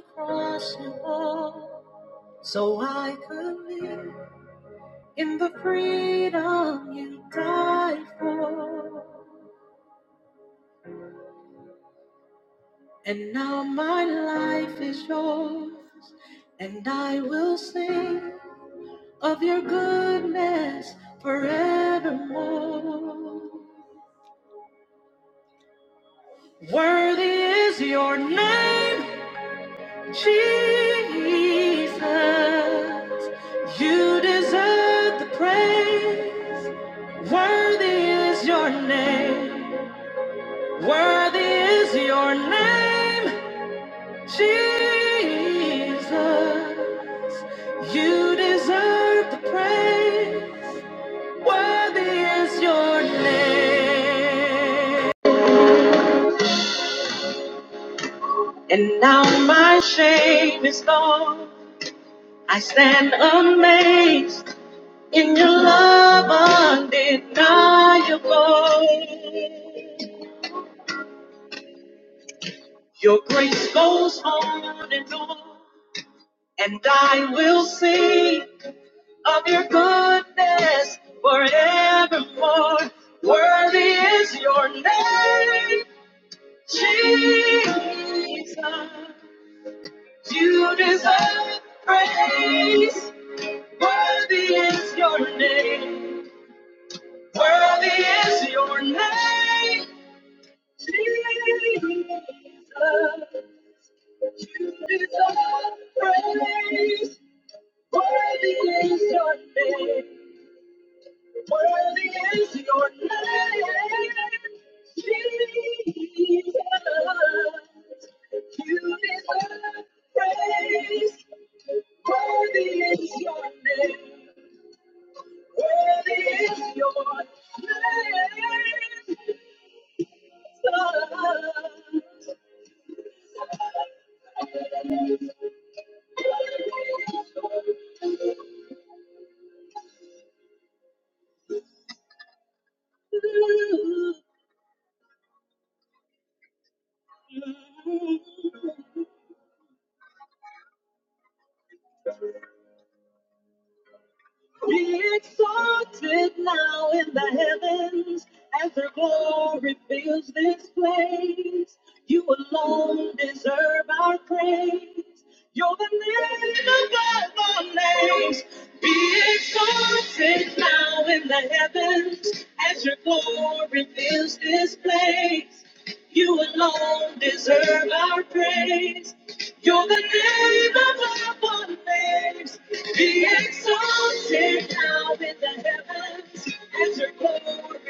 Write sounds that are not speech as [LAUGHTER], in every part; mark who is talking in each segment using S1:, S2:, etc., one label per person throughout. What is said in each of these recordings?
S1: across the wall, So I could live in the freedom you died for. And now my life is yours, and I will sing of your goodness forevermore. Worthy is your name, Jesus. You deserve the praise. Worthy is your name. Worthy is your name, Jesus. You deserve the praise. Worthy is your name. And now my shame is gone. I stand amazed in your love undeniable. Your grace goes on and on. And I will sing of your goodness forevermore. Worthy is your name, Jesus. You deserve praise. Worthy is your name. Worthy is your name, Jesus. You deserve praise. Be exalted now in the heavens as your glory fills this place. You alone deserve our praise. You're the name above all names. Be exalted now in the heavens as your glory fills this place. You alone deserve our praise. You're the name above all names. Be exalted now in the heavens as your glory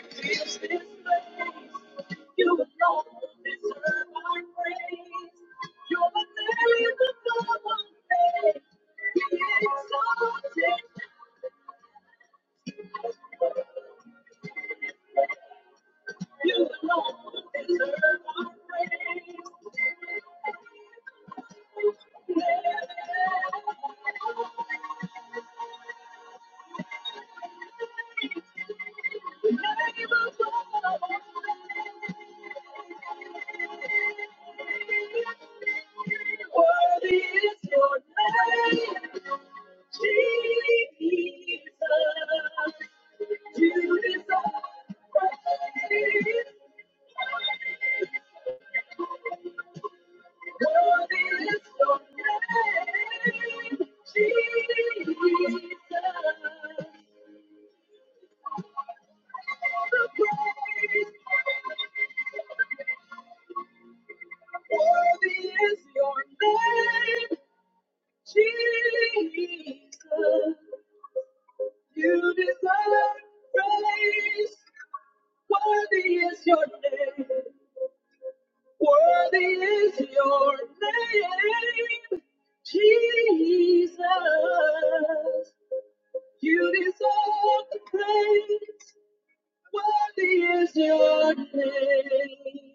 S1: is your name, Jesus. You deserve praise. Worthy is your name. Worthy is your name, Jesus. You deserve the praise. Worthy is your name.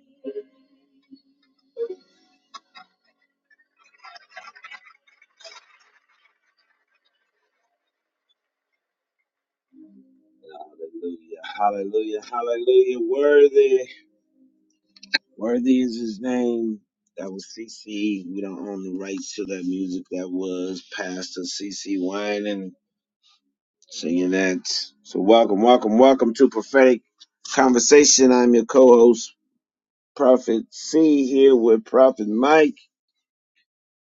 S1: Name that was CC. We don't own the rights to that music. That was Pastor CC Wine singing that. So welcome, welcome, welcome to Prophetic Conversation. I'm your co-host, Prophet C, here with Prophet Mike.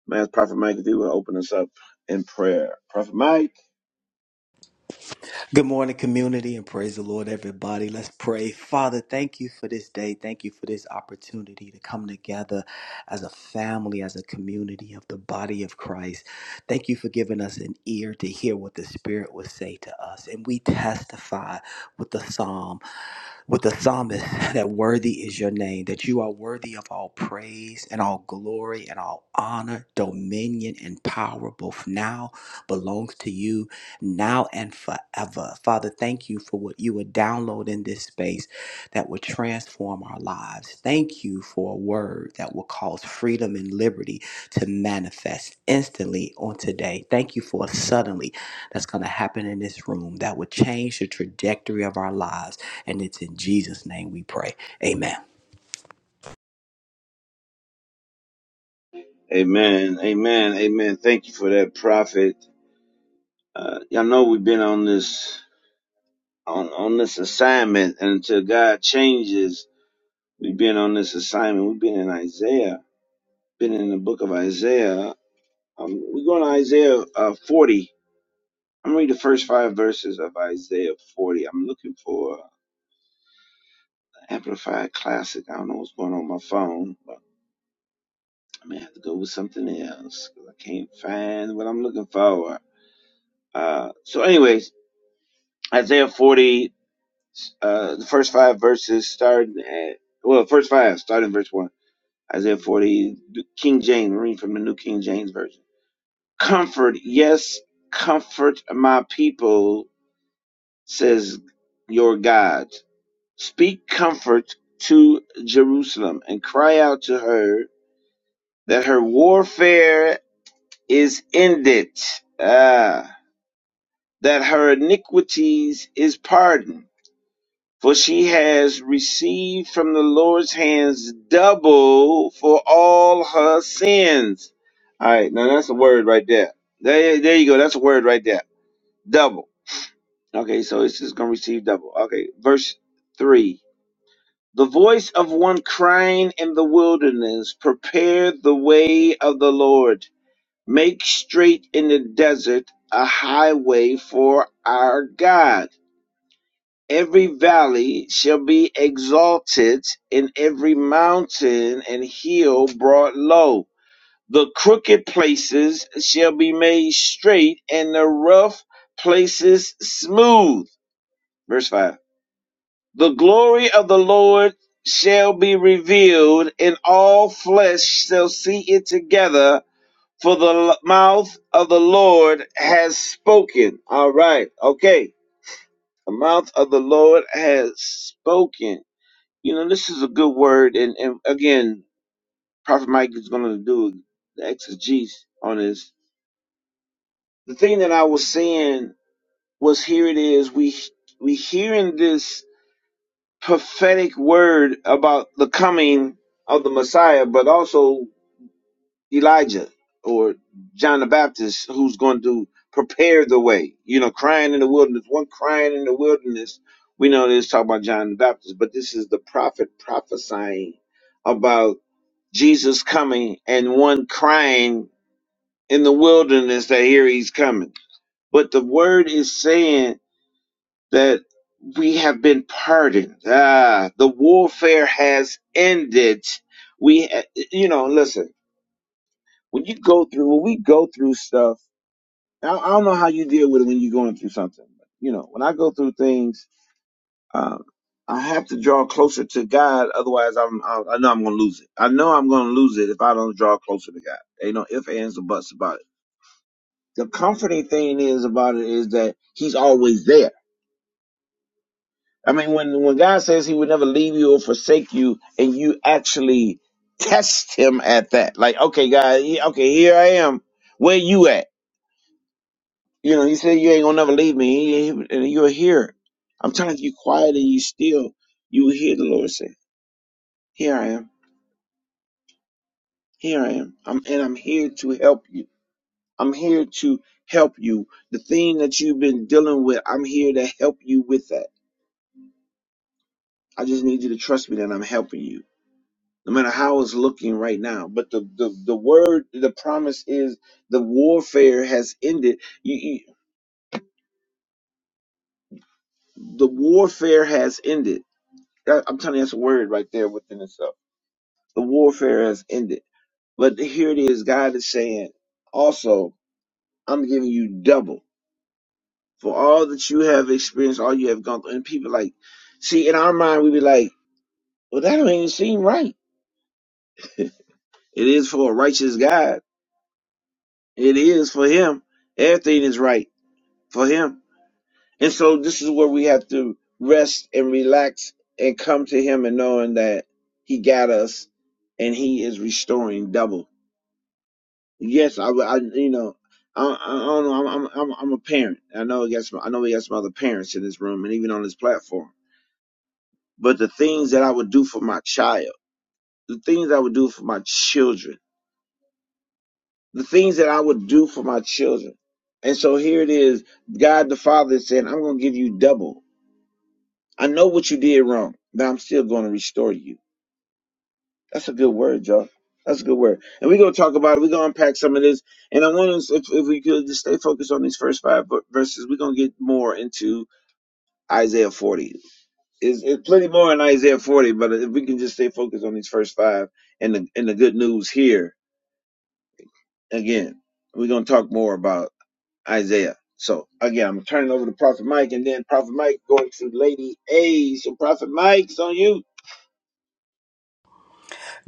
S1: Man, Prophet Mike, if you will open us up in prayer. Prophet Mike.
S2: Good morning, community, and praise the Lord, everybody. Let's pray. Father, thank you for this day. Thank you for this opportunity to come together as a family, as a community of the body of Christ. Thank you for giving us an ear to hear what the Spirit would say to us. And we testify with the psalm with the psalmist [LAUGHS] that worthy is your name, that you are worthy of all praise and all glory and all honor, dominion and power, both now belongs to you, now and forever. Father, thank you for what you would download in this space that would transform our lives. Thank you for a word that will cause freedom and liberty to manifest instantly on today. Thank you for a suddenly that's going to happen in this room that would change the trajectory of our lives and it's in Jesus' name we pray. Amen.
S1: Amen. Amen. Amen. Thank you for that, Prophet. Uh, y'all know we've been on this. on on this assignment until God changes. We've been on this assignment. We've been in Isaiah, been in the book of Isaiah. Um, we're going to Isaiah uh, 40. I'm reading the first five verses of Isaiah 40. I'm looking for the Amplified Classic. I don't know what's going on with my phone, but I may have to go with something else because I can't find what I'm looking for. Uh, so, anyways, Isaiah 40, uh, the first five verses starting at, well, first five, starting verse 1. Isaiah 40, the King James, read from the New King James Version. Comfort, yes, comfort my people, says your God. Speak comfort to Jerusalem and cry out to her that her warfare is ended, ah, that her iniquities is pardoned for she has received from the Lord's hands double for all her sins. All right, now that's a word right there. There, there you go. That's a word right there. Double. Okay, so it's just going to receive double. Okay, verse 3. The voice of one crying in the wilderness, prepare the way of the Lord, make straight in the desert a highway for our God. Every valley shall be exalted, and every mountain and hill brought low. The crooked places shall be made straight, and the rough places smooth. Verse 5. The glory of the Lord shall be revealed, and all flesh shall see it together, for the mouth of the Lord has spoken. All right. Okay. The mouth of the Lord has spoken. You know, this is a good word, and, and again, Prophet Mike is going to do the exegesis on this. The thing that I was saying was here it is. We we hearing this prophetic word about the coming of the Messiah, but also Elijah or John the Baptist who's going to prepare the way. You know, crying in the wilderness, one crying in the wilderness. We know this talk about John the Baptist, but this is the prophet prophesying about Jesus coming and one crying in the wilderness that here he's coming. But the word is saying that we have been pardoned. Ah, the warfare has ended. We, you know, listen when you go through when we go through stuff I, I don't know how you deal with it when you're going through something but, you know when i go through things um, i have to draw closer to god otherwise i'm I, I know i'm gonna lose it i know i'm gonna lose it if i don't draw closer to god ain't no ifs ands or buts about it the comforting thing is about it is that he's always there i mean when when god says he would never leave you or forsake you and you actually test him at that like okay god he- okay here i am where you at You know, he said, You ain't gonna never leave me. He- he- and you're here. I'm telling you, you quiet and you still, you will hear the Lord say, Here I am, here I am. I'm and I'm here to help you. I'm here to help you. The thing that you've been dealing with, I'm here to help you with that. I just need you to trust me that I'm helping you. No matter how it's looking right now. But the the, the word, the promise is the warfare has ended. You, you the warfare has ended. That- I'm telling you that's a word right there within itself The warfare has ended. But here it is, God is saying, also, I'm giving you double for all that you have experienced, all you have gone through. And people like, see, in our mind, we be like, well, that don't even seem right. It is for a righteous God. It is for him. Everything is right for him. And so this is where we have to rest and relax and come to him and knowing that he got us and he is restoring double. Yes, I, would- I you know, I, I don't know. I'm, I'm, I'm, I'm a parent. I know we got some, I know we got some other parents in this room and even on this platform. But the things that I would do for my child, the things I would do for my children, the things that I would do for my children. And so here it is. God the Father is saying, I'm going to give you double. I know what you did wrong, but I'm still going to restore you. That's a good word, y'all. That's a good word. And we're gonna talk about it. We're gonna unpack some of this. And I want us, if, if we could, just stay focused on these first five ver- verses. We're gonna get more into Isaiah 40. Is it's plenty more in Isaiah 40, but if we can just stay focused on these first five and the and the good news here again, we're gonna talk more about. Isaiah. So again, I'm turning over to Prophet Mike, and then Prophet Mike going to Lady A. So Prophet Mike's on you.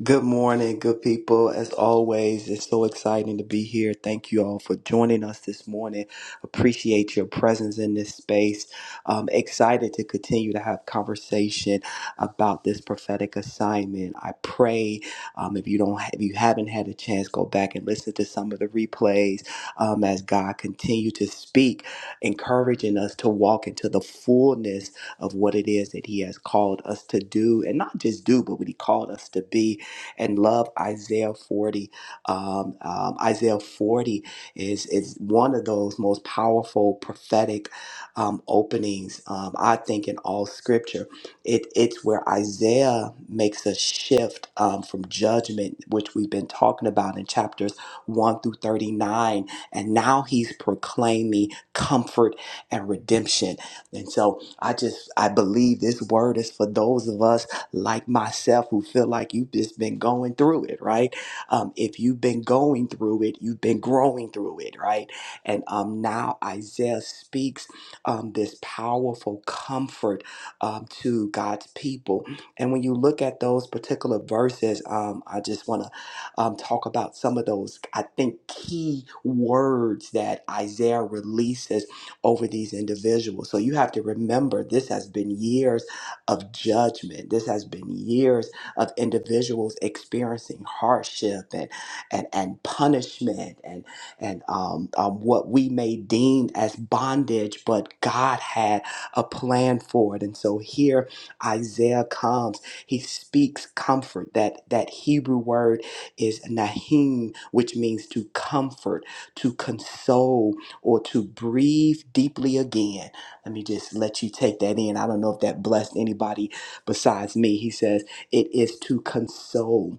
S2: Good morning, good people. As always, it's so exciting to be here. Thank you all for joining us this morning. Appreciate your presence in this space. Um, excited to continue to have conversation about this prophetic assignment. I pray um, if you don't, if you haven't had a chance, go back and listen to some of the replays um, as God continue to speak, encouraging us to walk into the fullness of what it is that He has called us to do, and not just do, but what He called us to be and love Isaiah 40. Um, um, Isaiah 40 is, is one of those most powerful prophetic um, openings, um, I think, in all scripture. It, it's where Isaiah makes a shift um, from judgment, which we've been talking about in chapters 1 through 39, and now he's proclaiming comfort and redemption. And so I just, I believe this word is for those of us like myself who feel like you've just been going through it, right? Um, if you've been going through it, you've been growing through it, right? And um, now Isaiah speaks um, this powerful comfort um, to God's people. And when you look at those particular verses, um, I just want to um, talk about some of those, I think, key words that Isaiah releases over these individuals. So you have to remember this has been years of judgment. This has been years of individuals experiencing hardship and and, and punishment and and um, um, what we may deem as bondage, but God had a plan for it. And so here Isaiah comes. He speaks comfort. That that Hebrew word is nahim, which means to comfort, to console, or to breathe deeply again. Let me just let you take that in. I don't know if that blessed anybody besides me. He says, It is to console.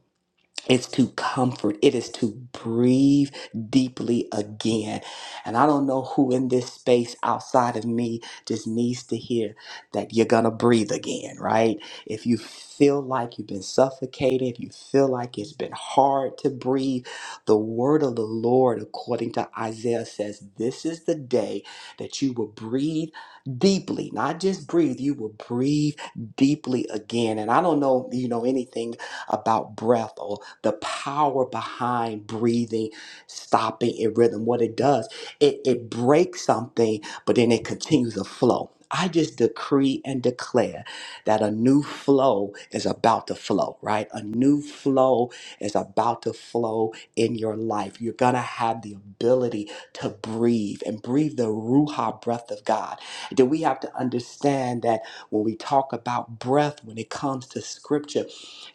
S2: It's to comfort. It is to breathe deeply again. And I don't know who in this space outside of me just needs to hear that you're going to breathe again, right? If you feel like you've been suffocated, if you feel like it's been hard to breathe, the word of the Lord, according to Isaiah, says this is the day that you will breathe deeply, not just breathe, you will breathe deeply again. And I don't know, you know, anything about breath or the power behind breathing, stopping in rhythm. What it does, it, it breaks something, but then it continues to flow. I just decree and declare that a new flow is about to flow, right? A new flow is about to flow in your life. You're going to have the ability to breathe and breathe the Ruha breath of God. Then we have to understand that when we talk about breath, when it comes to scripture,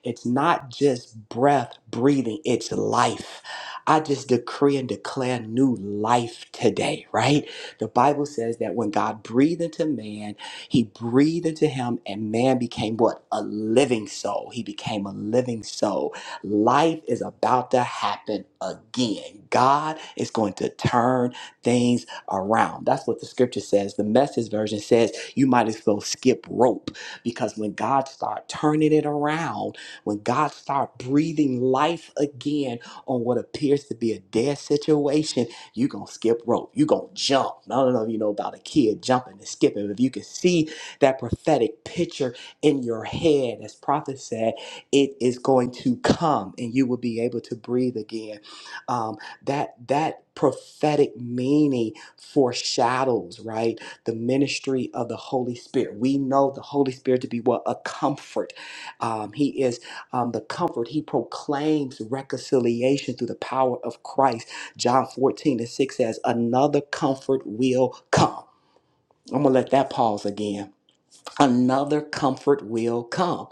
S2: it's not just breath, breathing, it's life. I just decree and declare new life today, right? The Bible says that when God breathed into man, he breathed into him, and man became what? A living soul. He became a living soul. Life is about to happen again. God is going to turn things around. That's what the scripture says. The message version says you might as well skip rope because when God starts turning it around, when God start breathing life again on what appears to be a dead situation, you gonna skip rope. You gonna jump. I don't know if you know about a kid jumping and skipping. If you can see that prophetic picture in your head, as prophet said, it is going to come, and you will be able to breathe again. Um, that that prophetic meaning foreshadows right the ministry of the Holy Spirit. We know the Holy Spirit to be what a comfort. Um, he is um, the comfort. He proclaims reconciliation through the power of Christ. John 14 and 6 says, Another comfort will come. I'm going to let that pause again. Another comfort will come.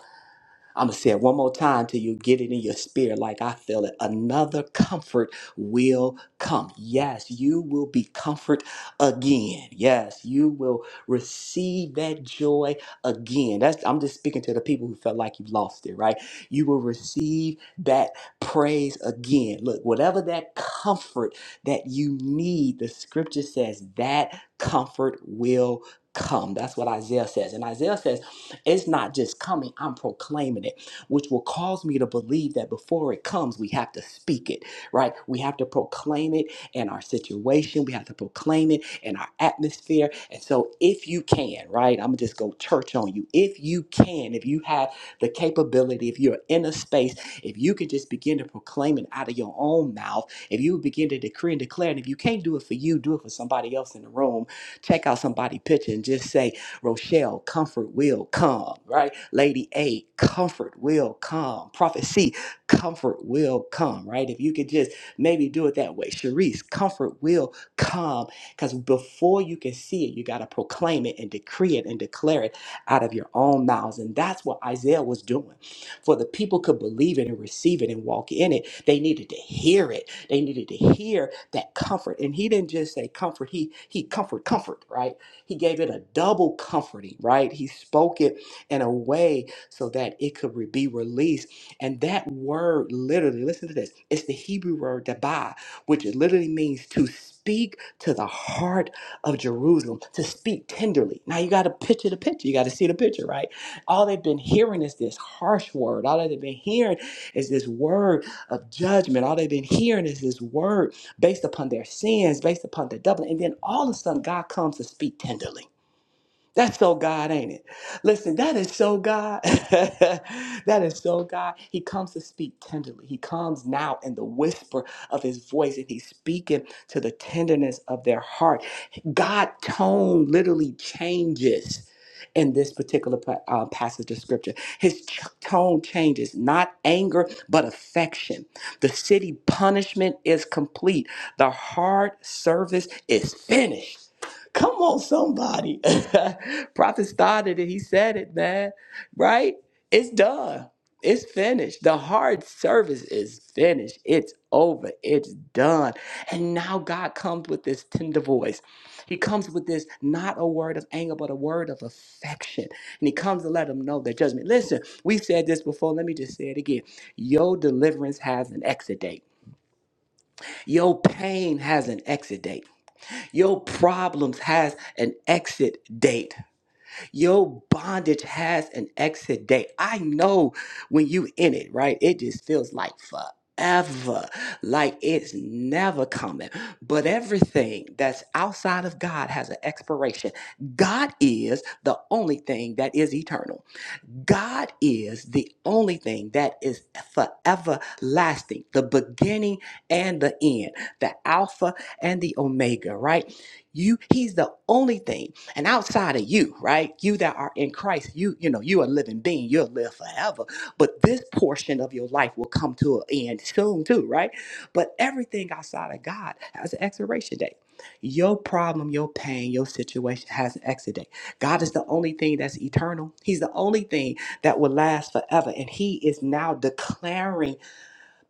S2: I'm going to say it one more time till you get it in your spirit, like I feel it. Another comfort will come. Yes, you will be comfort again. Yes, you will receive that joy again. That's I'm just speaking to the people who felt like you lost it, right? You will receive that praise again. Look, whatever that comfort that you need, the scripture says that comfort will come. That's what Isaiah says. And Isaiah says, it's not just coming, I'm proclaiming it, which will cause me to believe that before it comes, we have to speak it, right? We have to proclaim it in our situation, we have to proclaim it in our atmosphere. And so, if you can, right, I'm just go church on you. If you can, if you have the capability, if you're in a space, if you can just begin to proclaim it out of your own mouth, if you begin to decree and declare, and if you can't do it for you, do it for somebody else in the room. Check out somebody picture and just say, Rochelle, comfort will come, right? Lady A, comfort will come. Prophet C, comfort will come, right? If you could just maybe do it that way. Sharice, comfort will come because before you can see it, you got to proclaim it and decree it and declare it out of your own mouths. And that's what Isaiah was doing. For the people could believe it and receive it and walk in it, they needed to hear it. They needed to hear that comfort. And he didn't just say comfort, he he comfort, comfort, right? He gave it a double comforting, right? He spoke it in a way so that it could re- be released. And that word literally, listen to this, it's the Hebrew word dabah, which literally means to speak to the heart of Jerusalem, to speak tenderly. Now you got to picture the picture. You got to see the picture, right? All they've been hearing is this harsh word. All they've been hearing is this word of judgment. All they've been hearing is this word based upon their sins, based upon their doubling. And then all of a sudden, God comes to speak tenderly. That's so God, ain't it? Listen, that is so God. [LAUGHS] that is so God. He comes to speak tenderly. He comes now in the whisper of his voice, and he's speaking to the tenderness of their heart. God tone literally changes in this particular pa- uh, passage of scripture. His ch- tone changes, not anger, but affection. The city punishment is complete. The hard service is finished. Come on, somebody. [LAUGHS] Prophet started it. He said it, man. Right? It's done. It's finished. The hard service is finished. It's over. It's done. And now God comes with this tender voice. He comes with this not a word of anger, but a word of affection. And he comes to let them know their judgment. Listen, we've said this before. Let me just say it again. Your deliverance has an exit date. Your pain has an exit date. Your problems has an exit date. Your bondage has an exit date. I know when you in it, right? It just feels like forever, like it's never coming. But everything that's outside of God has an expiration. God is the only thing that is eternal. God is the only thing that is forever lasting, the beginning and the end, the Alpha and the Omega, right? You, He's the only thing. And outside of you, right? You that are in Christ, you, you know, you are a living being, you'll live forever. But this portion of your life will come to an end soon, too, right? But everything outside of God has an expiration date. Your problem, your pain, your situation has an exit date. God is the only thing that's eternal. He's the only thing that will last forever. And he is now declaring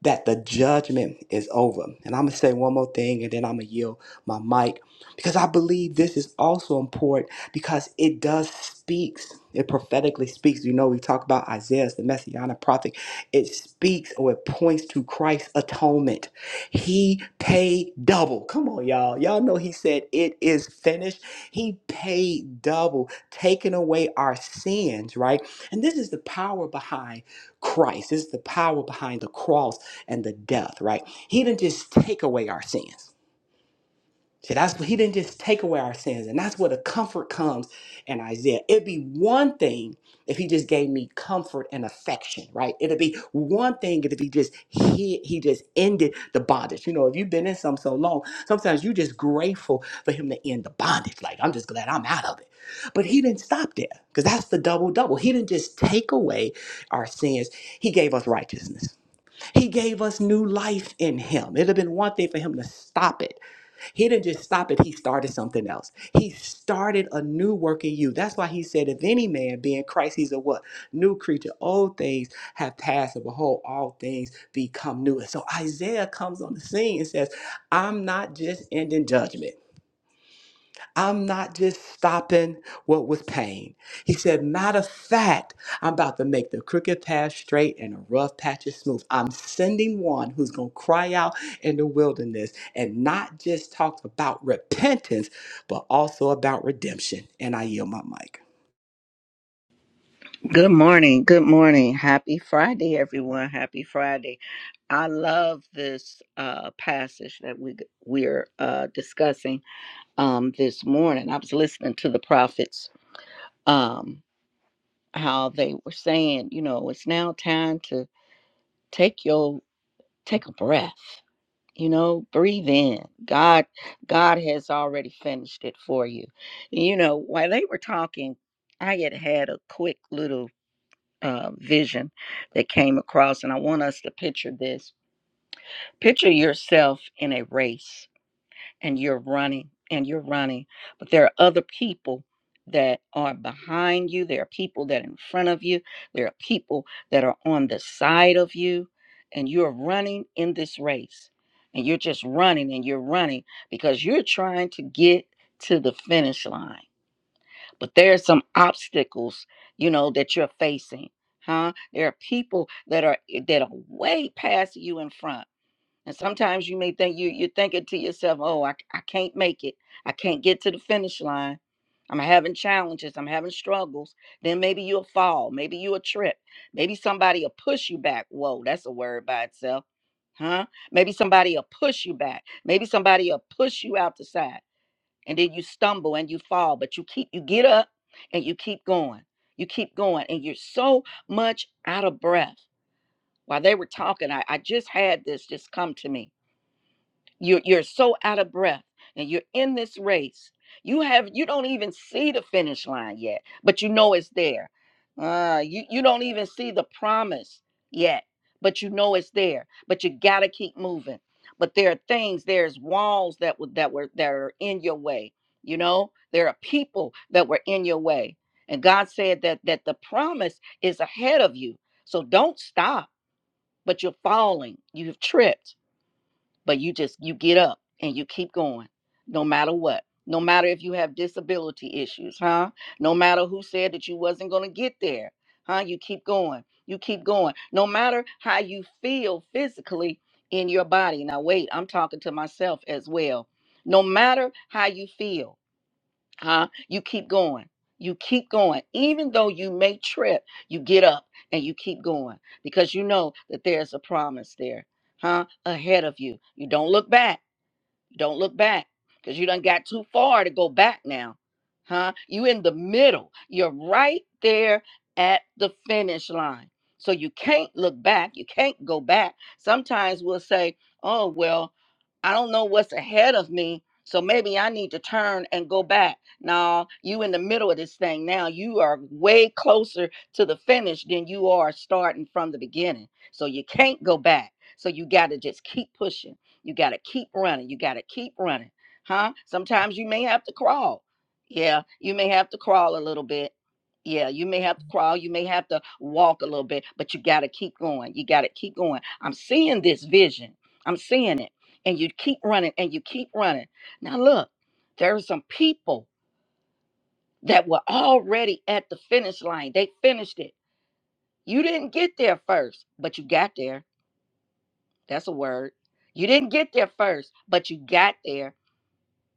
S2: that the judgment is over. And I'm going to say one more thing and then I'm going to yield my mic because I believe this is also important because it does speaks. It prophetically speaks. You know, we talk about Isaiah as the messianic prophet. It speaks or it points to Christ's atonement. He paid double. Come on, y'all. Y'all know he said it is finished. He paid double, taking away our sins, right? And this is the power behind Christ. This is the power behind the cross and the death, right? He didn't just take away our sins. See, that's what he didn't just take away our sins. And that's where the comfort comes in Isaiah. It'd be one thing if he just gave me comfort and affection, right? It'd be one thing if he just he he just ended the bondage. You know, if you've been in some so long, sometimes you're just grateful for him to end the bondage. Like, I'm just glad I'm out of it. But he didn't stop there, because that's the double double. He didn't just take away our sins, he gave us righteousness. He gave us new life in him. It'd have been one thing for him to stop it. He didn't just stop it, he started something else. He started a new work in you. That's why he said, if any man be in Christ, he's a what? New creature. Old things have passed, and behold, all things become new. And so Isaiah comes on the scene and says, I'm not just ending judgment. I'm not just stopping what was pain. He said, Matter of fact, I'm about to make the crooked path straight and the rough patches smooth. I'm sending one who's going to cry out in the wilderness and not just talk about repentance, but also about redemption. And I yield my mic.
S3: Good morning. Good morning. Happy Friday, everyone. Happy Friday. I love this uh, passage that we we're uh, discussing um, this morning. I was listening to the prophets, um, how they were saying, you know, it's now time to take your take a breath. You know, breathe in. God, God has already finished it for you. You know, while they were talking, I had had a quick little uh, vision that came across. And I want us to picture this picture yourself in a race and you're running and you're running, but there are other people that are behind you, there are people that are in front of you, there are people that are on the side of you, and you're running in this race. And you're just running and you're running because you're trying to get to the finish line but there are some obstacles you know that you're facing huh there are people that are eh, that are way past you in front and sometimes you may think you you're thinking to yourself oh i, I can't make it i can't get to the finish line i'm having challenges i'm having struggles then maybe you'll fall maybe you'll trip maybe somebody will push you back whoa that's a word by itself huh maybe somebody will push you back maybe somebody will push you out the side and then you stumble and you fall but you keep you get up and you keep going you keep going and you're so much out of breath while they were talking i, I just had this just come to me you're, you're so out of breath and you're in this race. You have you don't even see the finish line yet, but you know it's there. Uh, you, you don't even see the promise yet, but you know it's there. But you gotta keep moving. But there are things, there's walls that were that were that are in your way. You know, there are people that were in your way. And God said that that the promise is ahead of you. So don't stop, but you're falling. You've tripped but you just you get up and you keep going no matter what no matter if you have disability issues huh no matter who said that you wasn't going to get there huh you keep going you keep going no matter how you feel physically in your body now wait i'm talking to myself as well no matter how you feel huh? You keep going. You keep going. Even though you may trip, you get up and you keep going because you know that there's a promise there, huh? Ahead of you. You don't look back don't look back because you done got too far to go back now. Huh? You in the middle. You're right there at the finish line. So you can't look back. You can't go back. Sometimes we'll say, oh, well, I don't know what's ahead of me. So maybe I need to turn and go back. No, you in the middle of this thing now. You are way closer to the finish than you are starting from the beginning. So you can't go back. So you got to just keep pushing you got to keep running. You got to keep running. Huh? Sometimes you may have to crawl. Yeah, you may have to crawl a little bit. Yeah, you may have to crawl. You may have to walk a little bit, but you got to keep going. You got to keep going. I'm seeing this vision. I'm seeing it. And you keep running and you keep running. Now, look, there are some people that were already at the finish line. They finished it. You didn't get there first, but you got there. That's a word. You didn't get there first, but you got there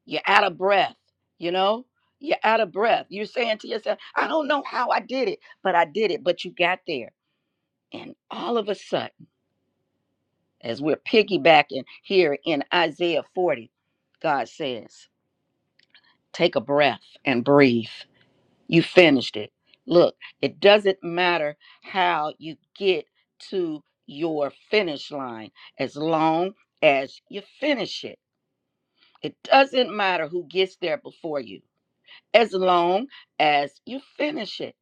S3: You're out of breath, you know? You're out of breath. You're saying to yourself, I don't know how I did it, but I did it, but you got there. And all of a sudden, as we're piggybacking here in Isaiah 40, God says, Take a breath and breathe. You finished it. Look, it doesn't matter how you get to your finish line as long as you finish it. It doesn't matter who gets there before you as long as you finish it.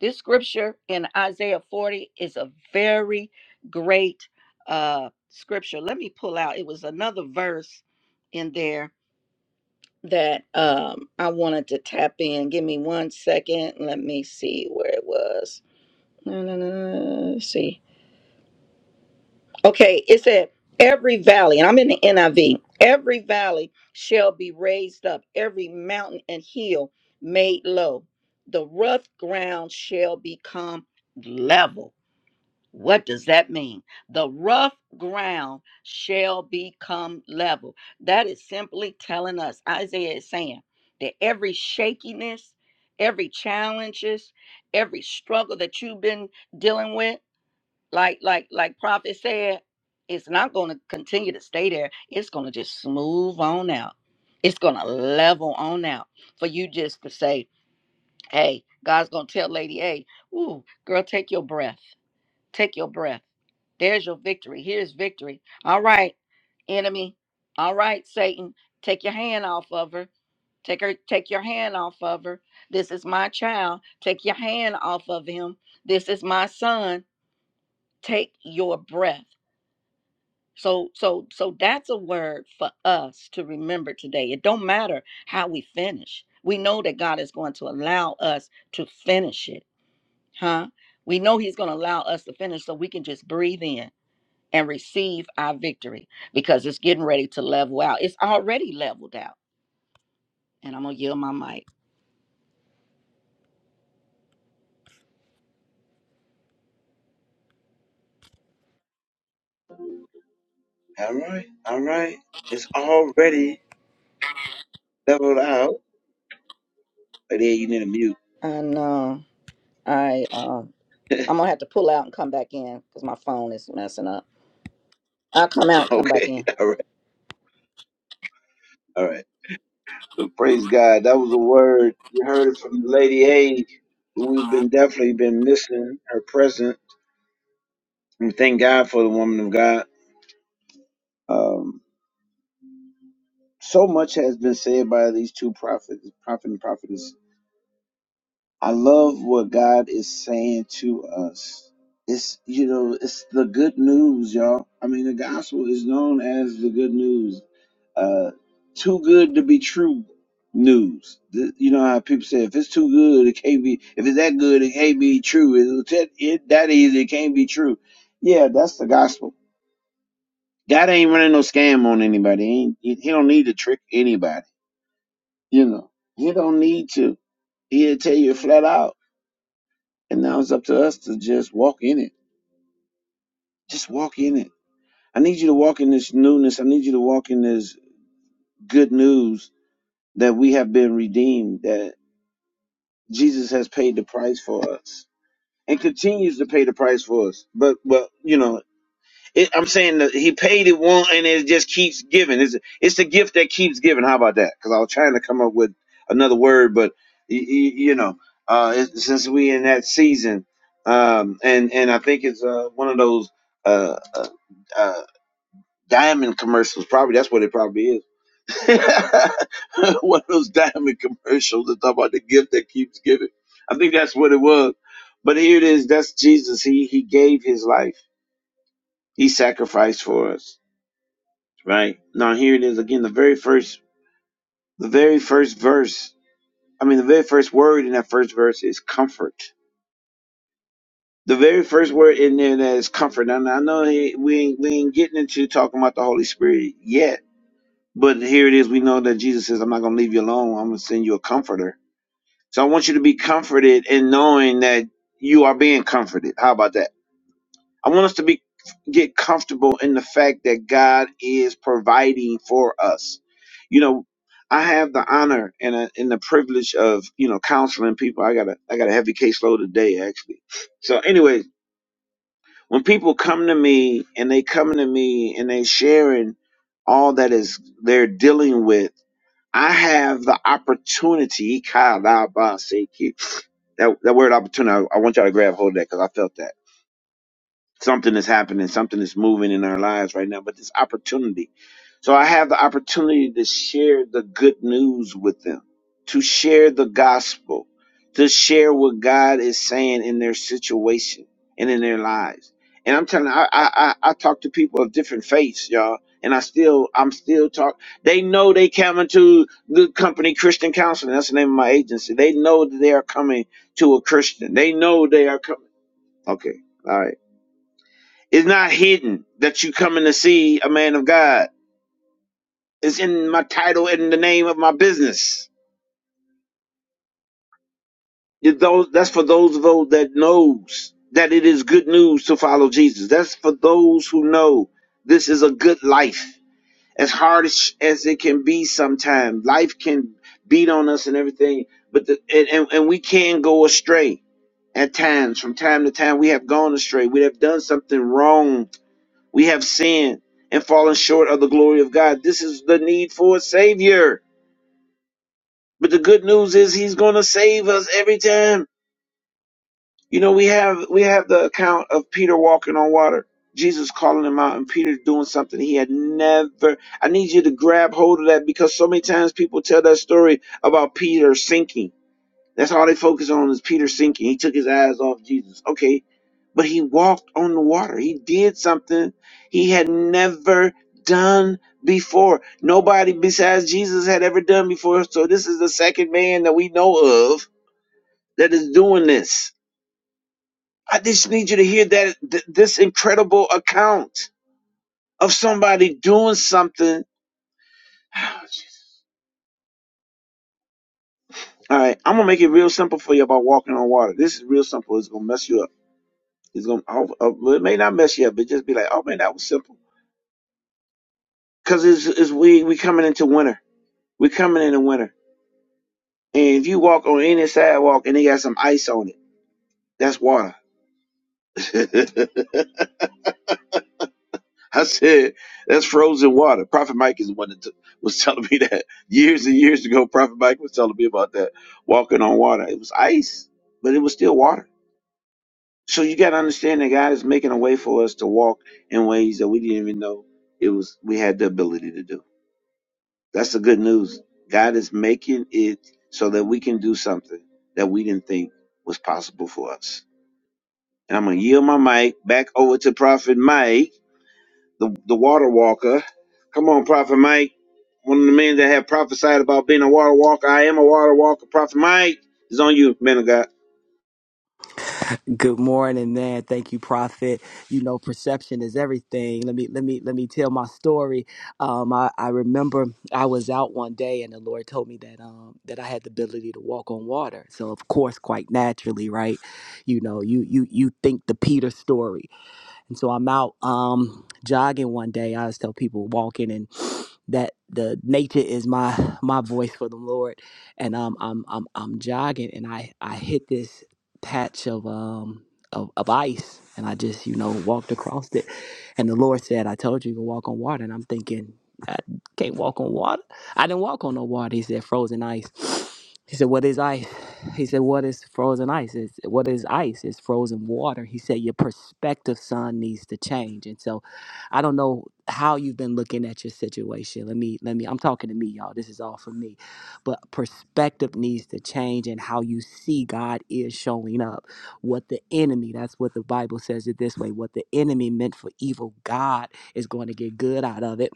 S3: This scripture in Isaiah 40 is a very great uh, scripture. Let me pull out, it was another verse in there that um, I wanted to tap in. Give me one second. Let me see where it was. No, no, no, no, no, no, Let's see. Okay, it said, every valley, and I'm in the NIV, every valley shall be raised up, every mountain and hill made low. The rough ground shall become level. What does that mean? The rough ground shall become level. That is simply telling us, Isaiah is saying, that every shakiness, every challenges, every struggle that you've been dealing with, like like like prophet said it's not going to continue to stay there it's going to just smooth on out it's going to level on out for you just to say hey god's going to tell lady a ooh girl take your breath take your breath there's your victory here's victory all right enemy all right satan take your hand off of her take her take your hand off of her this is my child take your hand off of him this is my son take your breath so so so that's a word for us to remember today. It don't matter how we finish. We know that God is going to allow us to finish it. Huh? We know he's going to allow us to finish so we can just breathe in and receive our victory because it's getting ready to level out. It's already leveled out. And I'm going to yield my mic.
S1: All right, all right. It's already leveled out. Lady A, you need a mute.
S3: I know. I um, I'm
S1: [LAUGHS]
S3: gonna have to pull out and come back in because my phone is messing up. I'll come out and come back
S1: okay,
S3: in.
S1: all right, all right. So praise God. That was a word. You heard it from Lady A. who We've been definitely been missing her presence. We thank God for the woman of God. Um, so much has been said by these two prophets, prophet and prophetess. I love what God is saying to us. It's you know, it's the good news, y'all. I mean, the gospel is known as the good news. Uh, too good to be true news. Th- You know how people say if it's too good, it can't be. If it's that good, it can't be true. It, it, it that easy, it can't be true. Yeah, that's the gospel. God ain't running no scam on anybody. He, ain't, he, he don't need to trick anybody. You know, he don't need to. He'll tell you flat out. And now it's up to us to just walk in it. Just walk in it. I need you to walk in this newness. I need you to walk in this good news that we have been redeemed. That Jesus has paid the price for us and continues to pay the price for us. But well, you know, it, I'm saying that he paid it one and it just keeps giving. It's it's the gift that keeps giving. How about that? Because I was trying to come up with another word, but y- y- you know, uh, it, since we in that season, um, and and I think it's uh, one of those uh, uh, uh, diamond commercials. Probably that's what it probably is [LAUGHS] One of those diamond commercials that talk about the gift that keeps giving. I think that's what it was. But here it is. That's Jesus. He he gave his life. He sacrificed for us. Right? Now here it is again. The very first the very first verse. I mean the very first word in that first verse is comfort. The very first word in there that is comfort. Now I know he, we ain't we ain't getting into talking about the Holy Spirit yet. But here it is. We know that Jesus says, I'm not gonna leave you alone. I'm gonna send you a comforter So I want you to be comforted in knowing that you are being comforted. How about that? I want us to be get comfortable in the fact that God is providing for us. You know, I have the honor and, uh and the privilege of you know counseling people. I got a I got a heavy caseload today actually. So, anyways, when people come to me and they come to me and they sharing all that is they're dealing with, I have the opportunity. That that word opportunity, I, I want y'all to grab hold of that because I felt that. Something is happening, something is moving in our lives right now, but this opportunity. So I have the opportunity to share the good news with them, to share the gospel, to share what God is saying in their situation and in their lives. And I'm telling you, I I I, I talk to people of different faiths, y'all, and I still I'm still talk they know they coming to the company Christian Counseling. That's the name of my agency. They know that they are coming to a Christian. They know they are coming. Okay. All right. It's not hidden that you coming to see a man of God. It's in my title and the name of my business. It- those- That's for those of those that knows that it is good news to follow Jesus. That's for those who know this is a good life. As hard as, as it can be sometimes, life can beat on us and everything, but the, and, and, and we can go astray at times. From time to time, we have gone astray. We have done something wrong We have sinned and fallen short of the glory of God. This is the need for a savior. But the good news is he's going to save us every time. You know, we have we have the account of Peter walking on water. Jesus calling him out and Peter doing something he had never. I need you to grab hold of that because so many times people tell that story about Peter sinking That's all they focus on is Peter sinking. He took his eyes off Jesus. Okay, but he walked on the water. He did something he had never done before. Nobody besides Jesus had ever done before. So this is the second man that we know of that is doing this. I just need you to hear that th- this incredible account of somebody doing something. All right, I'm gonna make it real simple for you about walking on water. This is real simple. It's gonna mess you up. It's gonna, oh, oh, well, it may not mess you up, but just be like, oh man, that was simple. Cause it's, it's we we coming into winter. We coming into winter. And if you walk on any sidewalk and they got some ice on it, that's water. [LAUGHS] I said that's frozen water. Prophet Mike is the one that t- was telling me that years and years ago. Prophet Mike was telling me about that walking on water. It was ice, but it was still water. So you got to understand that God is making a way for us to walk in ways that we didn't even know it was we had the ability to do. That's the good news. God is making it so that we can do something that we didn't think was possible for us. And I'm gonna yield my mic back over to Prophet Mike, the, the water walker. Come on, Prophet Mike. One of the men that have prophesied about being a water walker. I am a water walker. Prophet Mike is on you, man of God.
S2: Good morning, man. Thank you, Prophet. You know, perception is everything. Let me let me let me tell my story. Um, I, I remember I was out one day, and the Lord told me that um that I had the ability to walk on water. So of course, quite naturally, right? You know, you you you think the Peter story. And so I'm out um, jogging one day. I always tell people walking and that the nature is my my voice for the Lord. And um, I'm I'm I'm jogging and I I hit this patch of um of, of ice and I just you know walked across it. And the Lord said, "I told you to walk on water." And I'm thinking, I can't walk on water. I didn't walk on no water. He said, "Frozen ice." He said, What is ice? He said, What is frozen ice? It's, what is ice? It's frozen water. He said, Your perspective, son, needs to change. And so I don't know how you've been looking at your situation. Let me, let me, I'm talking to me, y'all. This is all for me. But perspective needs to change and how you see God is showing up. What the enemy, that's what the Bible says it this way what the enemy meant for evil, God is going to get good out of it.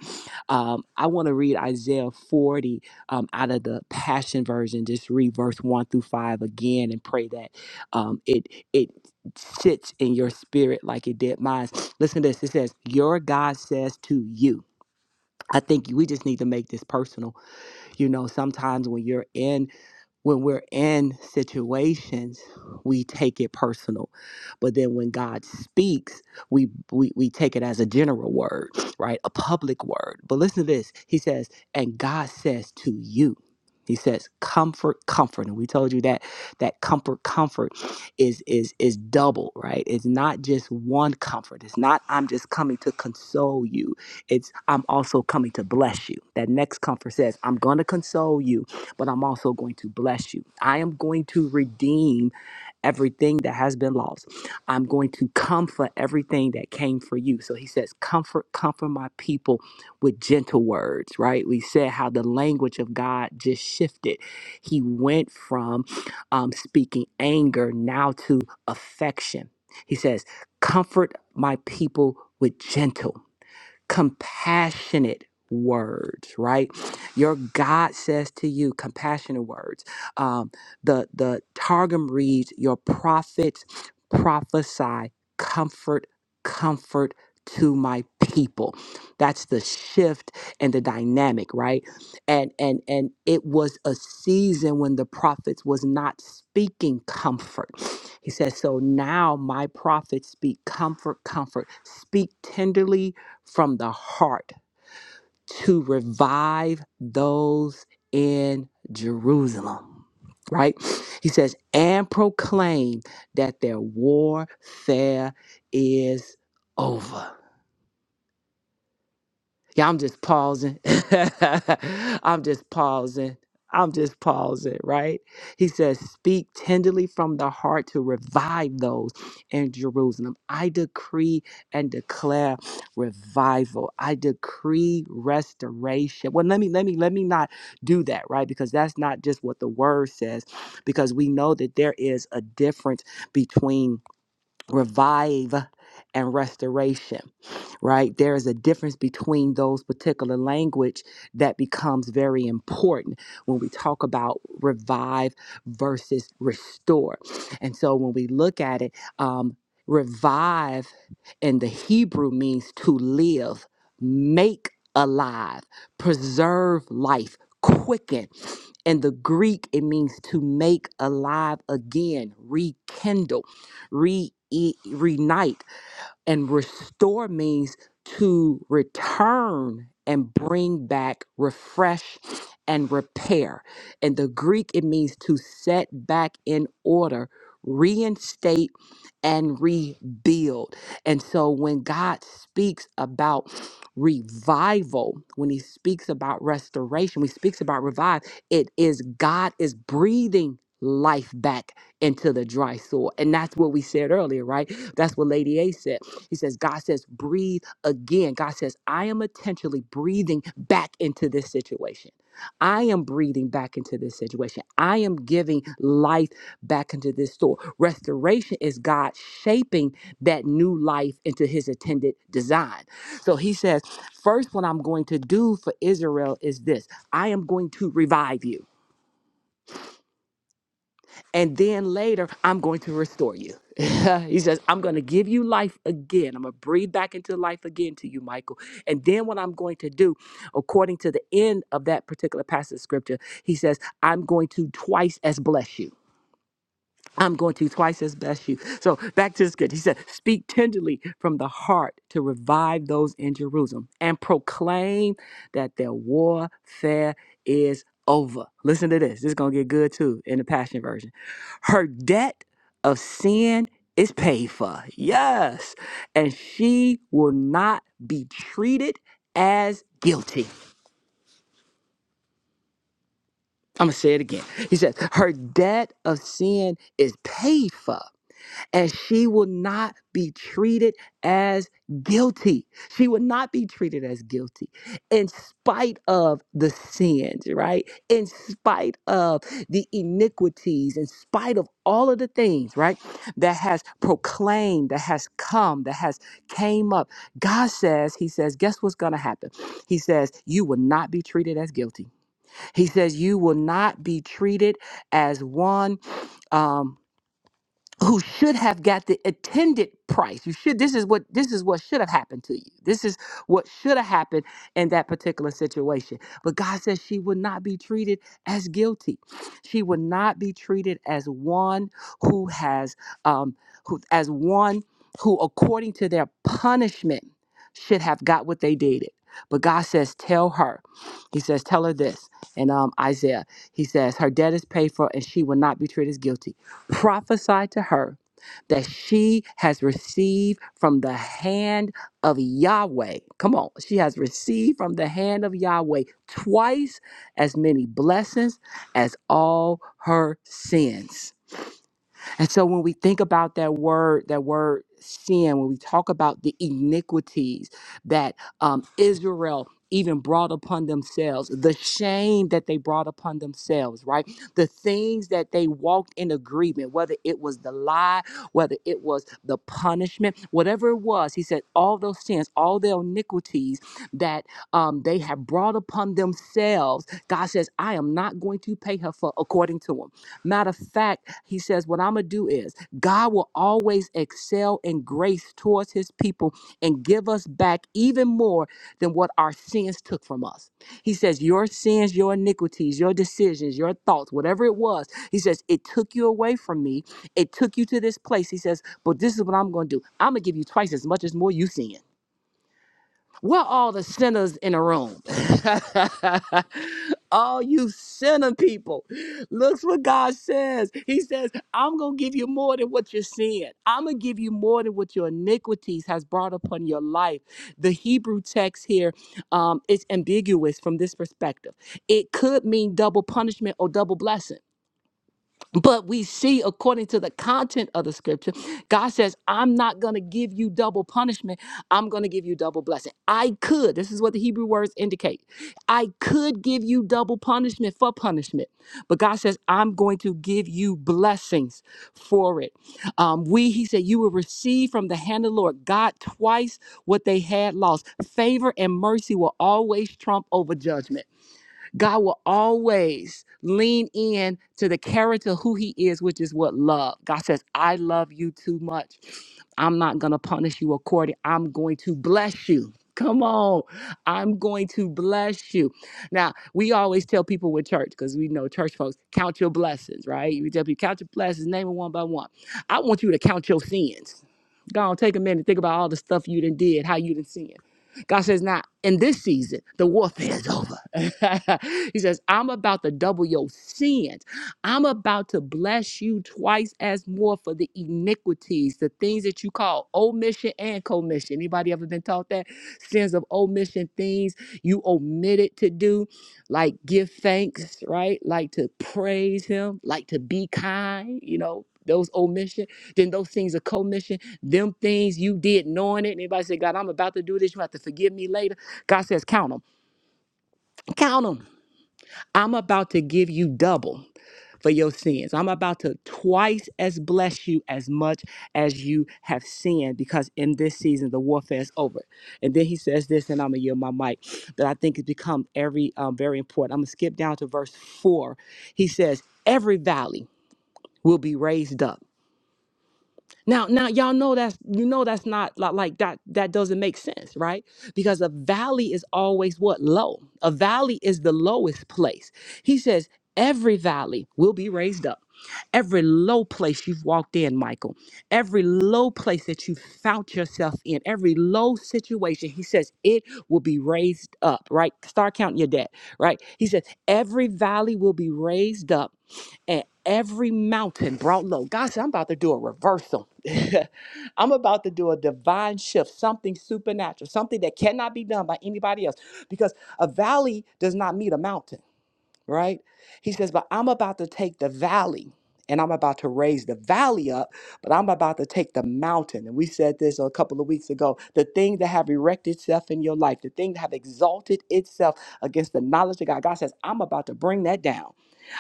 S2: Um, I want to read Isaiah 40 um, out of the Passion Version, just read verse one through five again and pray that um, it it sits in your spirit like it did mine. Listen to this. It says, "Your God says to you." I think we just need to make this personal. You know, sometimes when you're in when we're in situations we take it personal but then when god speaks we, we we take it as a general word right a public word but listen to this he says and god says to you he says comfort comfort and we told you that that comfort comfort is is is double right it's not just one comfort it's not i'm just coming to console you it's i'm also coming to bless you that next comfort says i'm going to console you but I'm also going to bless you. I am going to redeem everything that has been lost. I'm going to comfort everything that came for you. So he says, Comfort, comfort my people with gentle words, right? We said how the language of God just shifted. He went from um, speaking anger now to affection. He says, Comfort my people with gentle compassionate words right your god says to you compassionate words um the the targum reads your prophets prophesy comfort comfort to my people that's the shift and the dynamic right and and and it was a season when the prophets was not speaking comfort he says so now my prophets speak comfort comfort speak tenderly from the heart to revive those in Jerusalem. Right? He says, and proclaim that their warfare is over. Yeah, I'm just pausing. [LAUGHS] I'm just pausing. I'm just pausing, right? He says, Speak tenderly from the heart to revive those in Jerusalem. I decree and declare revival. I decree restoration. Well, let me, let me, let me not do that, right? Because that's not just what the word says, because we know that there is a difference between revive and restoration right there is a difference between those particular language that becomes very important when we talk about revive versus restore and so when we look at it um, revive in the hebrew means to live make alive preserve life quicken in the greek it means to make alive again rekindle re e- reunite and restore means to return and bring back, refresh, and repair. In the Greek, it means to set back in order, reinstate, and rebuild. And so when God speaks about revival, when he speaks about restoration, when he speaks about revive, it is God is breathing life back into the dry soil. And that's what we said earlier, right? That's what Lady A said. He says, God says, breathe again. God says, I am intentionally breathing back into this situation. I am breathing back into this situation. I am giving life back into this store. Restoration is God shaping that new life into his intended design. So he says, First, what I'm going to do for Israel is this I am going to revive you. And then later, I'm going to restore you. [LAUGHS] he says, I'm going to give you life again. I'm going to breathe back into life again to you, Michael. And then what I'm going to do, according to the end of that particular passage of scripture, he says, I'm going to twice as bless you. I'm going to twice as best you. So back to the script. He said, Speak tenderly from the heart to revive those in Jerusalem and proclaim that their warfare is over. Listen to this. This is going to get good too in the Passion Version. Her debt of sin is paid for. Yes. And she will not be treated as guilty. I'm going to say it again. He said, Her debt of sin is paid for and she will not be treated as guilty. She will not be treated as guilty in spite of the sins, right? In spite of the iniquities, in spite of all of the things, right? That has proclaimed, that has come, that has came up. God says, he says, guess what's going to happen? He says, you will not be treated as guilty. He says, you will not be treated as one um, who should have got the attended price. You should this is what this is what should have happened to you. This is what should have happened in that particular situation. But God says she would not be treated as guilty. She would not be treated as one who has um who as one who according to their punishment should have got what they did. But God says, tell her. He says, tell her this. And um, Isaiah, he says, her debt is paid for and she will not be treated as guilty prophesy to her that she has received from the hand of Yahweh. Come on, she has received from the hand of Yahweh twice as many blessings as all her sins. And so when we think about that word, that word sin, when we talk about the iniquities that um, Israel even brought upon themselves, the shame that they brought upon themselves, right? The things that they walked in agreement, whether it was the lie, whether it was the punishment, whatever it was, he said, all those sins, all their iniquities that um, they have brought upon themselves, God says, I am not going to pay her for according to them. Matter of fact, he says, What I'm going to do is God will always excel in grace towards his people and give us back even more than what our sins took from us. He says, Your sins, your iniquities, your decisions, your thoughts, whatever it was, he says, It took you away from me. It took you to this place. He says, But this is what I'm going to do. I'm going to give you twice as much as more you sin. We're all the sinners in a room. [LAUGHS] all you sinner people. Look what God says. He says, I'm going to give you more than what you're seeing. I'm going to give you more than what your iniquities has brought upon your life. The Hebrew text here um, is ambiguous from this perspective. It could mean double punishment or double blessing. But we see, according to the content of the scripture, God says, I'm not going to give you double punishment. I'm going to give you double blessing. I could, this is what the Hebrew words indicate. I could give you double punishment for punishment, but God says, I'm going to give you blessings for it. Um, we, he said, you will receive from the hand of the Lord God twice what they had lost. Favor and mercy will always trump over judgment. God will always lean in to the character who He is, which is what love. God says, I love you too much. I'm not going to punish you according. I'm going to bless you. Come on. I'm going to bless you. Now, we always tell people with church, because we know church folks, count your blessings, right? We tell people, count your blessings, name them one by one. I want you to count your sins. Go on, take a minute, think about all the stuff you done did, how you done sinned. God says, now in this season, the warfare is over. [LAUGHS] he says, I'm about to double your sins. I'm about to bless you twice as more for the iniquities, the things that you call omission and commission. Anybody ever been taught that? Sins of omission, things you omitted to do, like give thanks, right? Like to praise him, like to be kind, you know. Those omission, then those things are commission. Them things you did knowing it. And everybody said, God, I'm about to do this. You have to forgive me later. God says, count them. Count them. I'm about to give you double for your sins. I'm about to twice as bless you as much as you have sinned because in this season the warfare is over. And then he says this, and I'm gonna yield my mic, that I think has become every um, very important. I'm gonna skip down to verse four. He says, "Every valley will be raised up." Now, now y'all know that's you know that's not li- like that that doesn't make sense, right? Because a valley is always what low. A valley is the lowest place. He says every valley will be raised up. Every low place you've walked in, Michael, every low place that you found yourself in, every low situation, he says it will be raised up, right? Start counting your debt, right? He says every valley will be raised up and every mountain brought low. God said, I'm about to do a reversal. [LAUGHS] I'm about to do a divine shift, something supernatural, something that cannot be done by anybody else because a valley does not meet a mountain, right? He says, But I'm about to take the valley and I'm about to raise the valley up, but I'm about to take the mountain. And we said this a couple of weeks ago the thing that have erected itself in your life, the thing that have exalted itself against the knowledge of God. God says, I'm about to bring that down.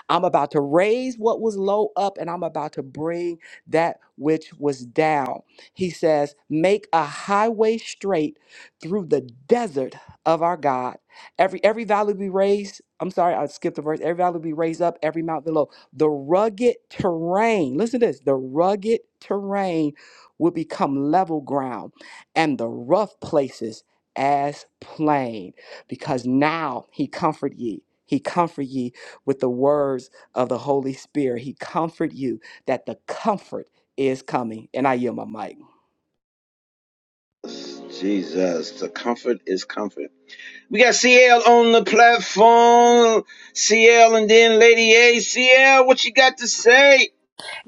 S2: I'm about to raise what was low up and I'm about to bring that which was down. He says, Make a highway straight through the desert of our God. Every every valley be raised. I'm sorry, I skipped the verse. Every valley be raised up, every mountain below. The rugged terrain, listen to this, the rugged terrain will become level ground and the rough places as plain because now he comfort ye. He comfort ye with the words of the Holy Spirit. He comfort you that the comfort is coming. And I yield my mic.
S1: Jesus, the comfort is comfort. We got CL on the platform. CL and then Lady ACL. what you got to say?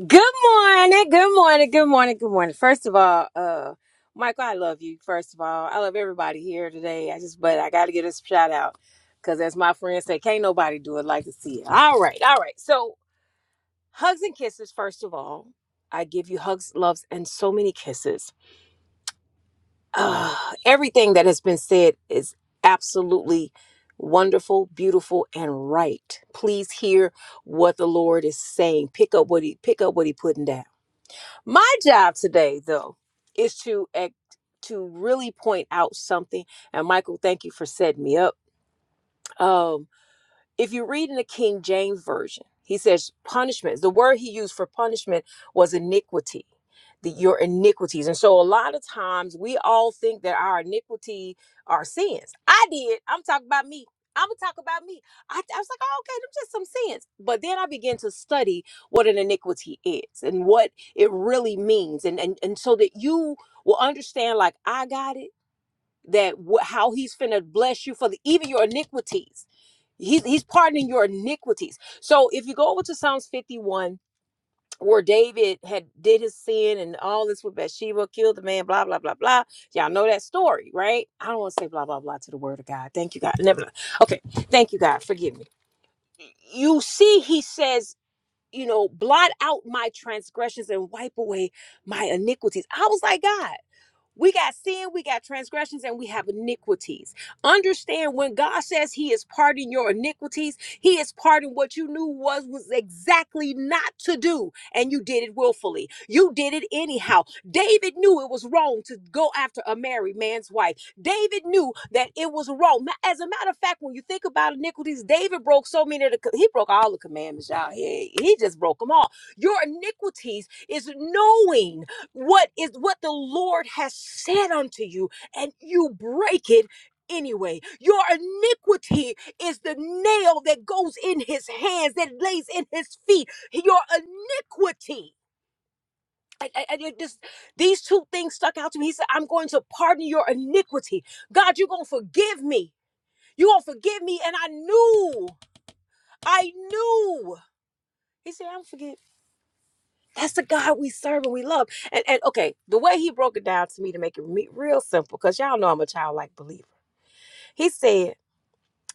S4: Good morning, good morning, good morning, good morning. First of all, uh, Michael, I love you. First of all, I love everybody here today. I just, but I got to give this shout out because, as my friends say, can't nobody do it like to see it. All right, all right. So, hugs and kisses. First of all, I give you hugs, loves, and so many kisses. Uh, everything that has been said is absolutely wonderful, beautiful, and right. Please hear what the Lord is saying. Pick up what he pick up what he putting down. My job today, though, is to act, to really point out something. And Michael, thank you for setting me up. Um, if you read in the King James Version, he says punishment. The word he used for punishment was iniquity, the, your iniquities. And so a lot of times we all think that our iniquity are sins. I did. I'm talking about me. I'm gonna talk about me. I, I was like, oh, okay, them just some sins. But then I began to study what an iniquity is and what it really means, and and and so that you will understand, like I got it, that wh- how He's finna bless you for the even your iniquities He's he's pardoning your iniquities. So if you go over to Psalms 51, where David had did his sin and all this with Bathsheba, killed the man, blah blah blah blah. Y'all know that story, right? I don't want to say blah blah blah to the word of God. Thank you, God. Never. mind. Okay, thank you, God. Forgive me. You see, he says, you know, blot out my transgressions and wipe away my iniquities. I was like, God. We got sin, we got transgressions, and we have iniquities. Understand when God says He is pardoning your iniquities, He is pardoning what you knew was was exactly not to do, and you did it willfully. You did it anyhow. David knew it was wrong to go after a married man's wife. David knew that it was wrong. Ma- As a matter of fact, when you think about iniquities, David broke so many of the co- he broke all the commandments, y'all. He, he just broke them all. Your iniquities is knowing what is what the Lord has said unto you, and you break it anyway. Your iniquity is the nail that goes in his hands, that lays in his feet. Your iniquity. I, I, I did this, these two things stuck out to me. He said, I'm going to pardon your iniquity. God, you're going to forgive me. You're going to forgive me. And I knew, I knew. He said, I'm forgive. That's the God we serve and we love. And and okay, the way he broke it down to me to make it me- real simple, because y'all know I'm a childlike believer. He said,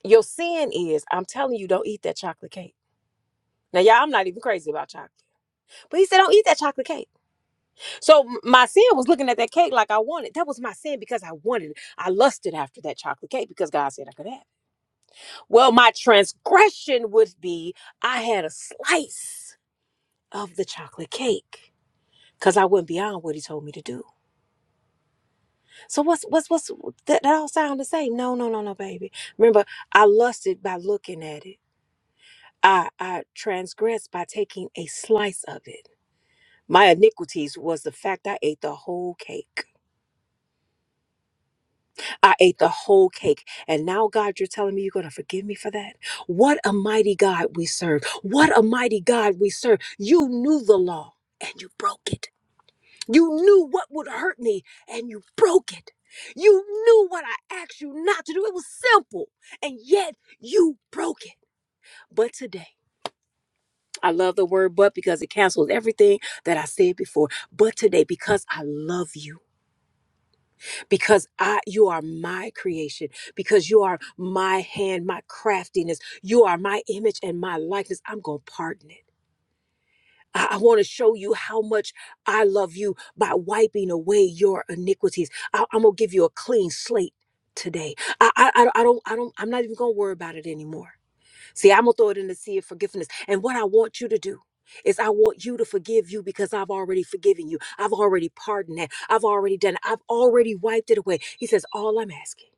S4: Your sin is, I'm telling you, don't eat that chocolate cake. Now, y'all, I'm not even crazy about chocolate. But he said, Don't eat that chocolate cake. So m- my sin was looking at that cake like I wanted. That was my sin because I wanted it. I lusted after that chocolate cake because God said I could have it. Well, my transgression would be I had a slice of the chocolate cake because I went beyond what he told me to do. So what's what's what's that, that all sound the same? No, no, no, no, baby. Remember, I lusted by looking at it. I I transgressed by taking a slice of it. My iniquities was the fact I ate the whole cake. I ate the whole cake. And now, God, you're telling me you're going to forgive me for that? What a mighty God we serve. What a mighty God we serve. You knew the law and you broke it. You knew what would hurt me and you broke it. You knew what I asked you not to do. It was simple and yet you broke it. But today, I love the word but because it cancels everything that I said before. But today, because I love you, because I you are my creation, because you are my hand, my craftiness, you are my image and my likeness, I'm gonna pardon it. I, I want to show you how much I love you by wiping away your iniquities. I, am gonna give you a clean slate today. I, I I I don't I don't I'm not even gonna worry about it anymore. See, I'm gonna throw it in the sea of forgiveness. And what I want you to do is I want you to forgive you because I've already forgiven you. I've already pardoned that. I've already done it. I've already wiped it away. He says, all I'm asking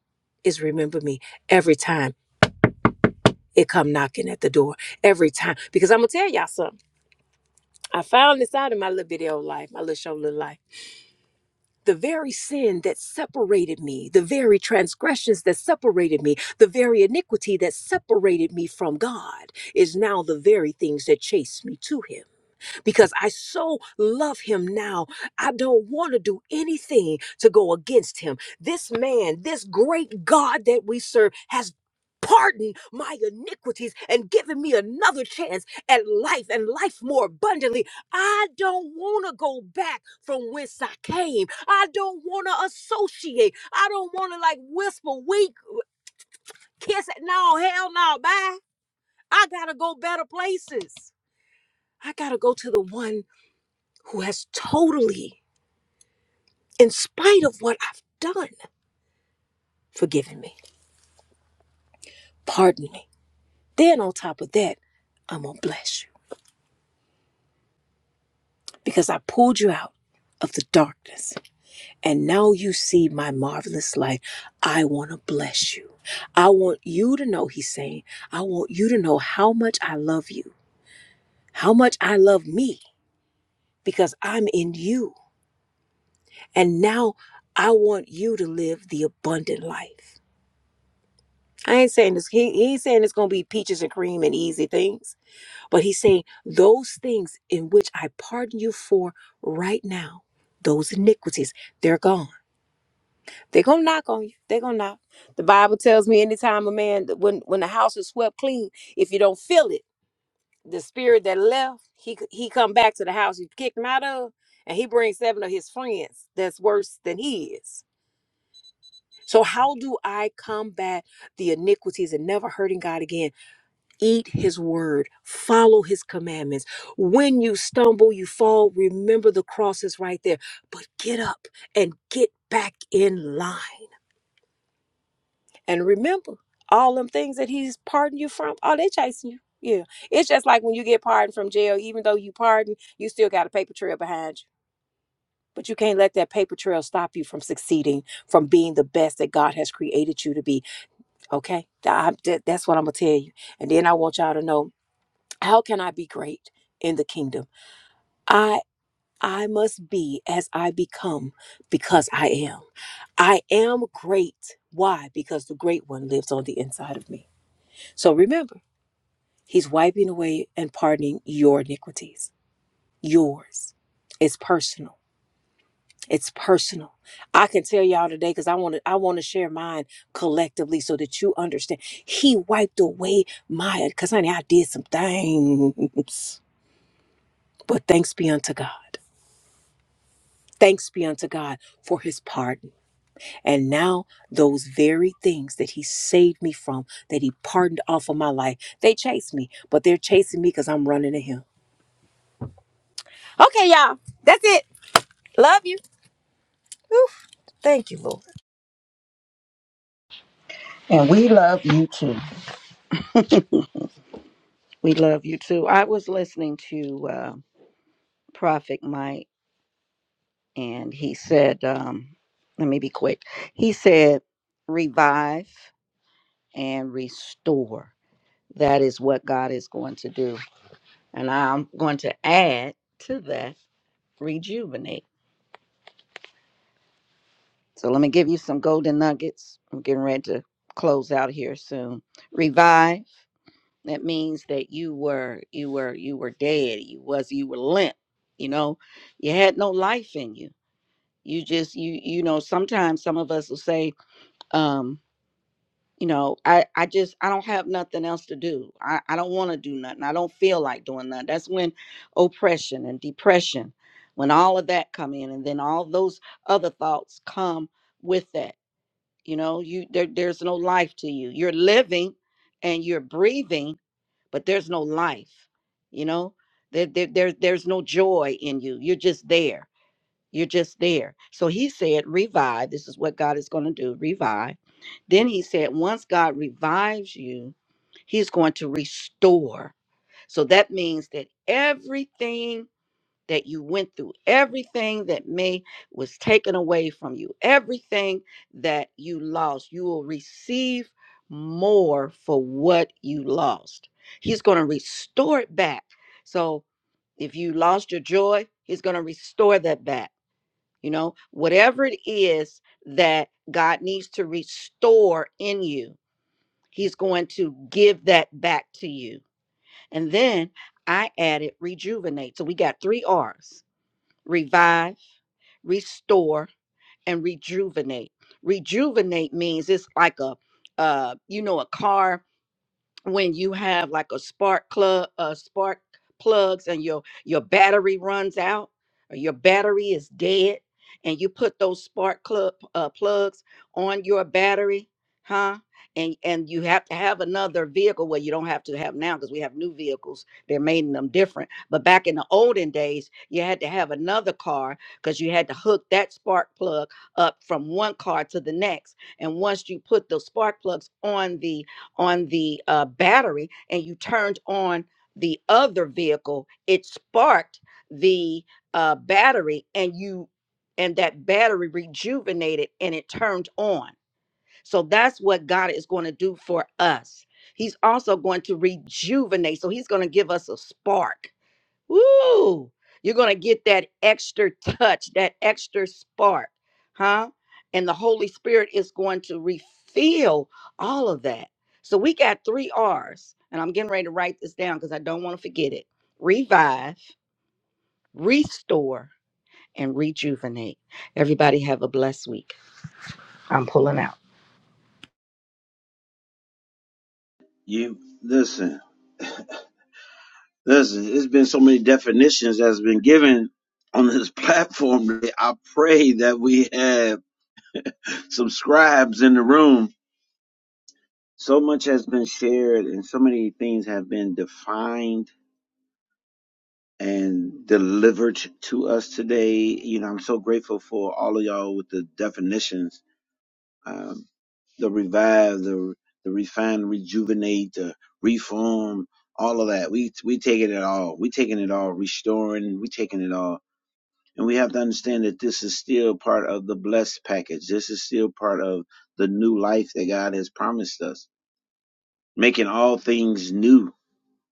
S4: is remember me every time it come knocking at the door. Every time. Because I'm gonna tell y'all something. I found this out in my little video life, my little show, little life. The very sin that separated me, the very transgressions that separated me, the very iniquity that separated me from God is now the very things that chase me to Him because I so love him now. I don't want to do anything to go against him. This man, this great God that we serve, has pardoned my iniquities and given me another chance at life and life more abundantly. I don't want to go back from whence I came. I don't want to associate. I don't want to like whisper, wink, kiss it. No, hell no, bye. I got to go better places. I got to go to the one who has totally, in spite of what I've done, forgiven me, pardoned me. Then, on top of that, I'm going to bless you because I pulled you out of the darkness and now you see my marvelous light. I want to bless you. I want you to know, he's saying, I want you to know how much I love you, how much I love me because I'm in you. And now I want you to live the abundant life. I ain't saying this. He he ain't saying it's gonna be peaches and cream and easy things, but he's saying those things in which I pardon you for right now, those iniquities, they're gone. They're gonna knock on you. They're gonna knock. The Bible tells me anytime a man when when the house is swept clean, if you don't feel it, the spirit that left, he he come back to the house you kicked him out of, and he brings seven of his friends that's worse than he is. So how do I combat the iniquities and never hurting God again? Eat his word, follow his commandments. When you stumble, you fall, remember the cross is right there. But get up and get back in line. And remember all them things that he's pardoned you from, oh, they chasing you. Yeah. It's just like when you get pardoned from jail, even though you pardoned, you still got a paper trail behind you. But you can't let that paper trail stop you from succeeding, from being the best that God has created you to be. Okay? Th- I- that- that's what I'm going to tell you. And then I want y'all to know how can i be great in the kingdom i i must be as i become because i am i am great why because the great one lives on the inside of me so remember he's wiping away and pardoning your iniquities yours it's personal it's personal i can tell y'all today because i want to i want to share mine collectively so that you understand he wiped away my because honey i did some things but thanks be unto god Thanks be unto God for his pardon. And now, those very things that he saved me from, that he pardoned off of my life, they chase me, but they're chasing me because I'm running to him. Okay, y'all, that's it. Love you. Whew. Thank you, Lord.
S3: And we love you too. We love you too. I was listening to uh, Prophet Mike, and he said, um, let me be quick. He said, revive and restore. That is what God is going to do. And I'm going to add to that, rejuvenate. So let me give you some golden nuggets. I'm getting ready to close out here soon. Revive. That means that you were you were you were dead. You was you were limp. You know, you had no life in you you just you you know sometimes some of us will say um you know i i just i don't have nothing else to do i i don't want to do nothing i don't feel like doing nothing that's when oppression and depression when all of that come in and then all those other thoughts come with that you know you there, there's no life to you you're living and you're breathing but there's no life you know there, there, there there's no joy in you you're just there you're just there. So he said, revive. This is what God is going to do revive. Then he said, once God revives you, he's going to restore. So that means that everything that you went through, everything that may was taken away from you, everything that you lost, you will receive more for what you lost. He's going to restore it back. So if you lost your joy, he's going to restore that back you know whatever it is that god needs to restore in you he's going to give that back to you and then i added rejuvenate so we got three r's revive restore and rejuvenate rejuvenate means it's like a uh you know a car when you have like a spark plug uh spark plugs and your your battery runs out or your battery is dead and you put those spark club uh, plugs on your battery huh and and you have to have another vehicle well you don't have to have now because we have new vehicles they're making them different but back in the olden days you had to have another car because you had to hook that spark plug up from one car to the next and once you put the spark plugs on the on the uh, battery and you turned on the other vehicle, it sparked the uh, battery and you and that battery rejuvenated and it turned on. So that's what God is going to do for us. He's also going to rejuvenate. So he's going to give us a spark Woo! You're going to get that extra touch, that extra spark, huh? And the Holy Spirit is going to refill all of that. So we got three R's, and I'm getting ready to write this down because I don't want to forget it revive, restore, and rejuvenate. Everybody have a blessed week. I'm pulling out.
S1: You listen. Listen, it's been so many definitions that's been given on this [LAUGHS] platform. I pray that we have some scribes in the room. So much has been shared and so many things have been defined and delivered to us today. You know, I'm so grateful for all of y'all with the definitions. Um, the revive, the the refine, rejuvenate, the reform, all of that. We we taking it all. We taking it all, restoring, we taking it all And we have to understand that this is still part of the blessed package. This is still part of the new life that God has promised us, making all things new,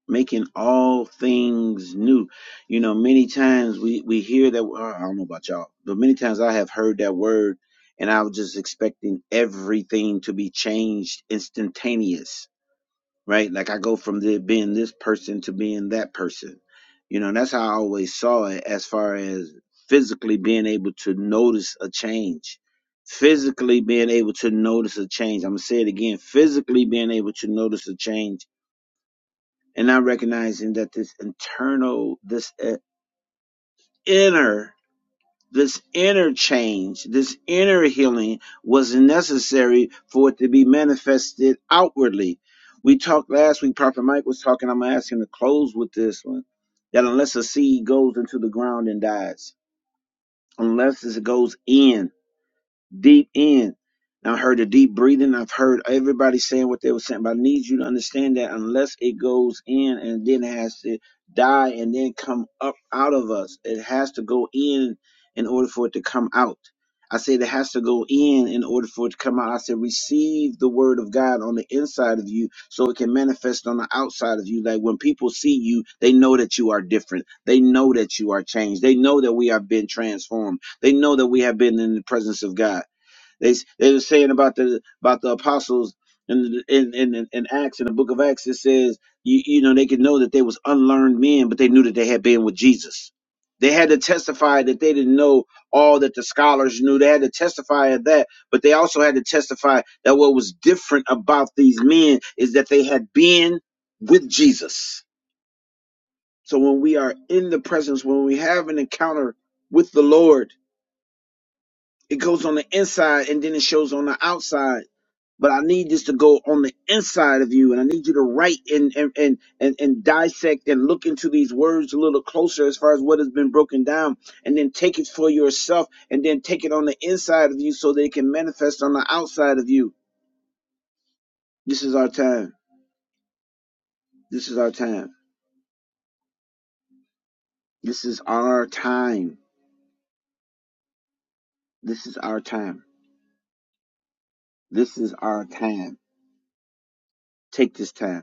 S1: making all things new. You know, many times we, we hear that, oh, I don't know about y'all, but many times I have heard that word and I was just expecting everything to be changed instantaneous right? Like I go from the, being this person to being that person. You know, and that's how I always saw it as far as physically being able to notice a change. Physically being able to notice a change. I'm going to say it again physically being able to notice a change and not recognizing that this internal, this uh, inner this inner change, this inner healing was necessary for it to be manifested outwardly. We talked last week, Prophet Mike was talking. I'm going to ask him to close with this one that unless a seed goes into the ground and dies, unless it goes in, deep in. I heard the deep breathing. I've heard everybody saying what they were saying, but I need you to understand that unless it goes in and then has to die and then come up out of us, it has to go in in order for it to come out. I said it has to go in in order for it to come out. I said receive the word of God on the inside of you so it can manifest on the outside of you. Like when people see you, they know that you are different. They know that you are changed. They know that we have been transformed. They know that we have been in the presence of God. They they were saying about the about the apostles in in in, in Acts in the book of Acts. It says you you know they could know that they was unlearned men, but they knew that they had been with Jesus. They had to testify that they didn't know all that the scholars knew. They had to testify of that, but they also had to testify that what was different about these men is that they had been with Jesus. So when we are in the presence, when we have an encounter with the Lord, it goes on the inside and then it shows on the outside. But I need this to go on the inside of you, and I need you to write and and and and, and dissect and look into these words a little closer as far as what has been broken down, and then take it for yourself, and then take it on the inside of you so that it can manifest on the outside of you. This is our time. This is our time. This is our time. This is our time. This is our time. Take this time.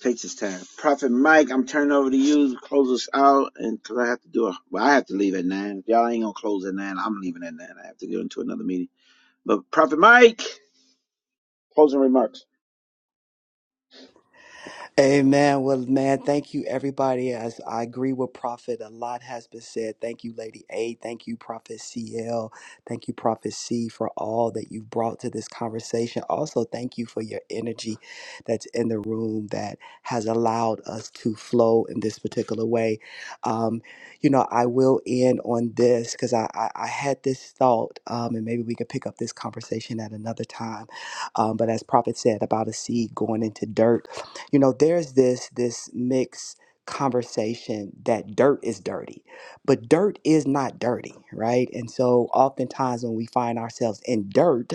S1: takes his time. Prophet Mike, I'm turning over to you to close us out, and because I have to do a, well, I have to leave at nine. If y'all ain't gonna close at nine, I'm leaving at nine. I have to go into another meeting. But Prophet Mike, closing remarks.
S2: Amen. Well, man, thank you, everybody. As I agree with Prophet, a lot has been said. Thank you, Lady A. Thank you, Prophet CL. Thank you, Prophet C, for all that you've brought to this conversation. Also, thank you for your energy that's in the room that has allowed us to flow in this particular way. Um, you know, I will end on this because I, I, I had this thought, um, and maybe we can pick up this conversation at another time. Um, but as Prophet said about a seed going into dirt, you know there's this this mixed conversation that dirt is dirty but dirt is not dirty right and so oftentimes when we find ourselves in dirt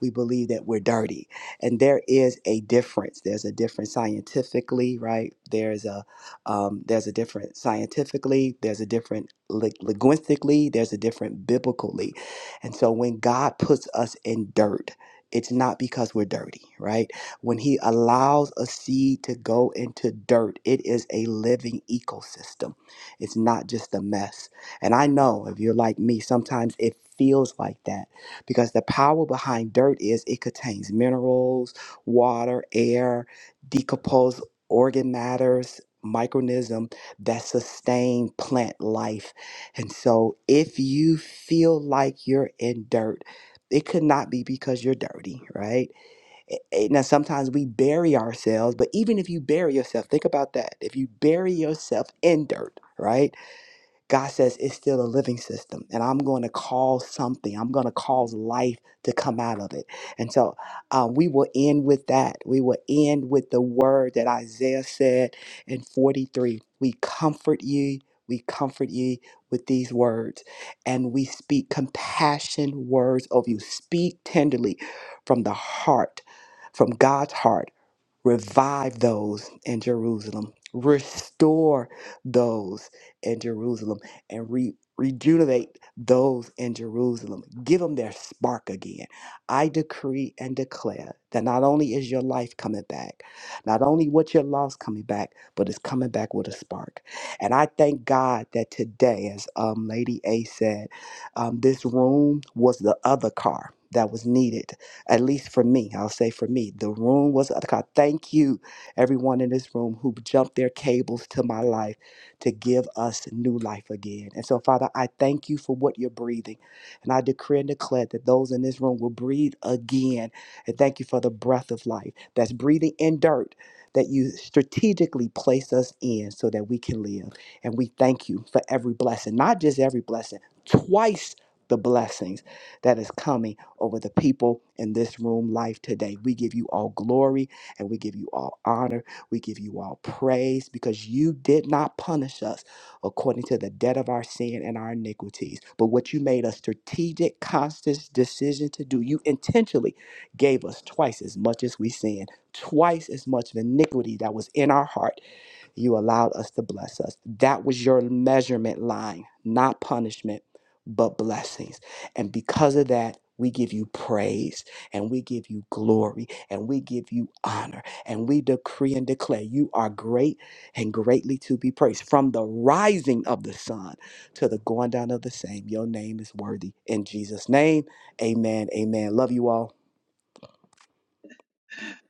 S2: we believe that we're dirty. And there is a difference. There's a difference scientifically, right? There's a um, there's a different scientifically. There's a different li- linguistically. There's a different biblically. And so when God puts us in dirt, it's not because we're dirty, right? When He allows a seed to go into dirt, it is a living ecosystem. It's not just a mess. And I know if you're like me, sometimes it feels like that because the power behind dirt is it contains minerals, water, air, decomposed organ matters, micronism that sustain plant life. And so if you feel like you're in dirt, it could not be because you're dirty, right? Eh, eh, Now, sometimes we bury ourselves, but even if you bury yourself, think about that. If you bury yourself in dirt, right? God says it's still a living system, and I'm going to cause something. I'm going to cause life to come out of it. And so uh, we will end with that. We will end with the word that Isaiah said in 43 We comfort ye. we comfort ye with these words, and we speak compassion words of you. Speak tenderly from the heart, from God's heart. Revive those in Jerusalem. Restore those in Jerusalem and re- rejuvenate those in Jerusalem. Give them their spark again. I decree and declare that not only is your life coming back, not only what you lost coming back, but it's coming back with a spark. And I thank God that today, as um, Lady A said, um, this room was the other car that was needed at least for me, I'll say for me, the room was. God, thank you, everyone in this room who jumped their cables to my life to give us new life again. And so, Father, I thank you for what you're breathing. And I decree and declare that those in this room will breathe again. And thank you for the breath of life that's breathing in dirt that you strategically place us in so that we can live. And we thank you for every blessing, not just every blessing, twice the blessings that is coming over the people in this room life today. We give you all glory and we give you all honor. We give you all praise because you did not punish us according to the debt of our sin and our iniquities, but what you made a strategic, conscious decision to do. You intentionally gave us twice as much as we sinned, twice as much of iniquity that was in our heart you allowed us to bless us. That was your measurement line, not punishment, but blessings. And because of that, we give you praise and we give you glory and we give you honor and we decree and declare you are great and greatly to be praised. From the rising of the sun to the going down of the same, your name is worthy. In Jesus' name, amen. Amen. Love you all.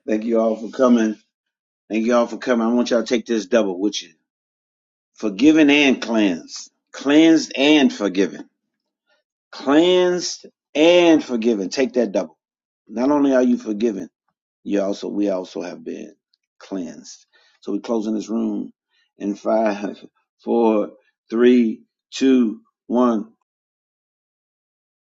S1: Thank you all for coming. Thank you all for coming. I want y'all to take this double with you. Forgiven and cleansed. Cleansed and forgiven. Cleansed and forgiven. Take that double. Not only are you forgiven, You also we also have been cleansed. So we're closing this room in five, [LAUGHS] four, three, two, one.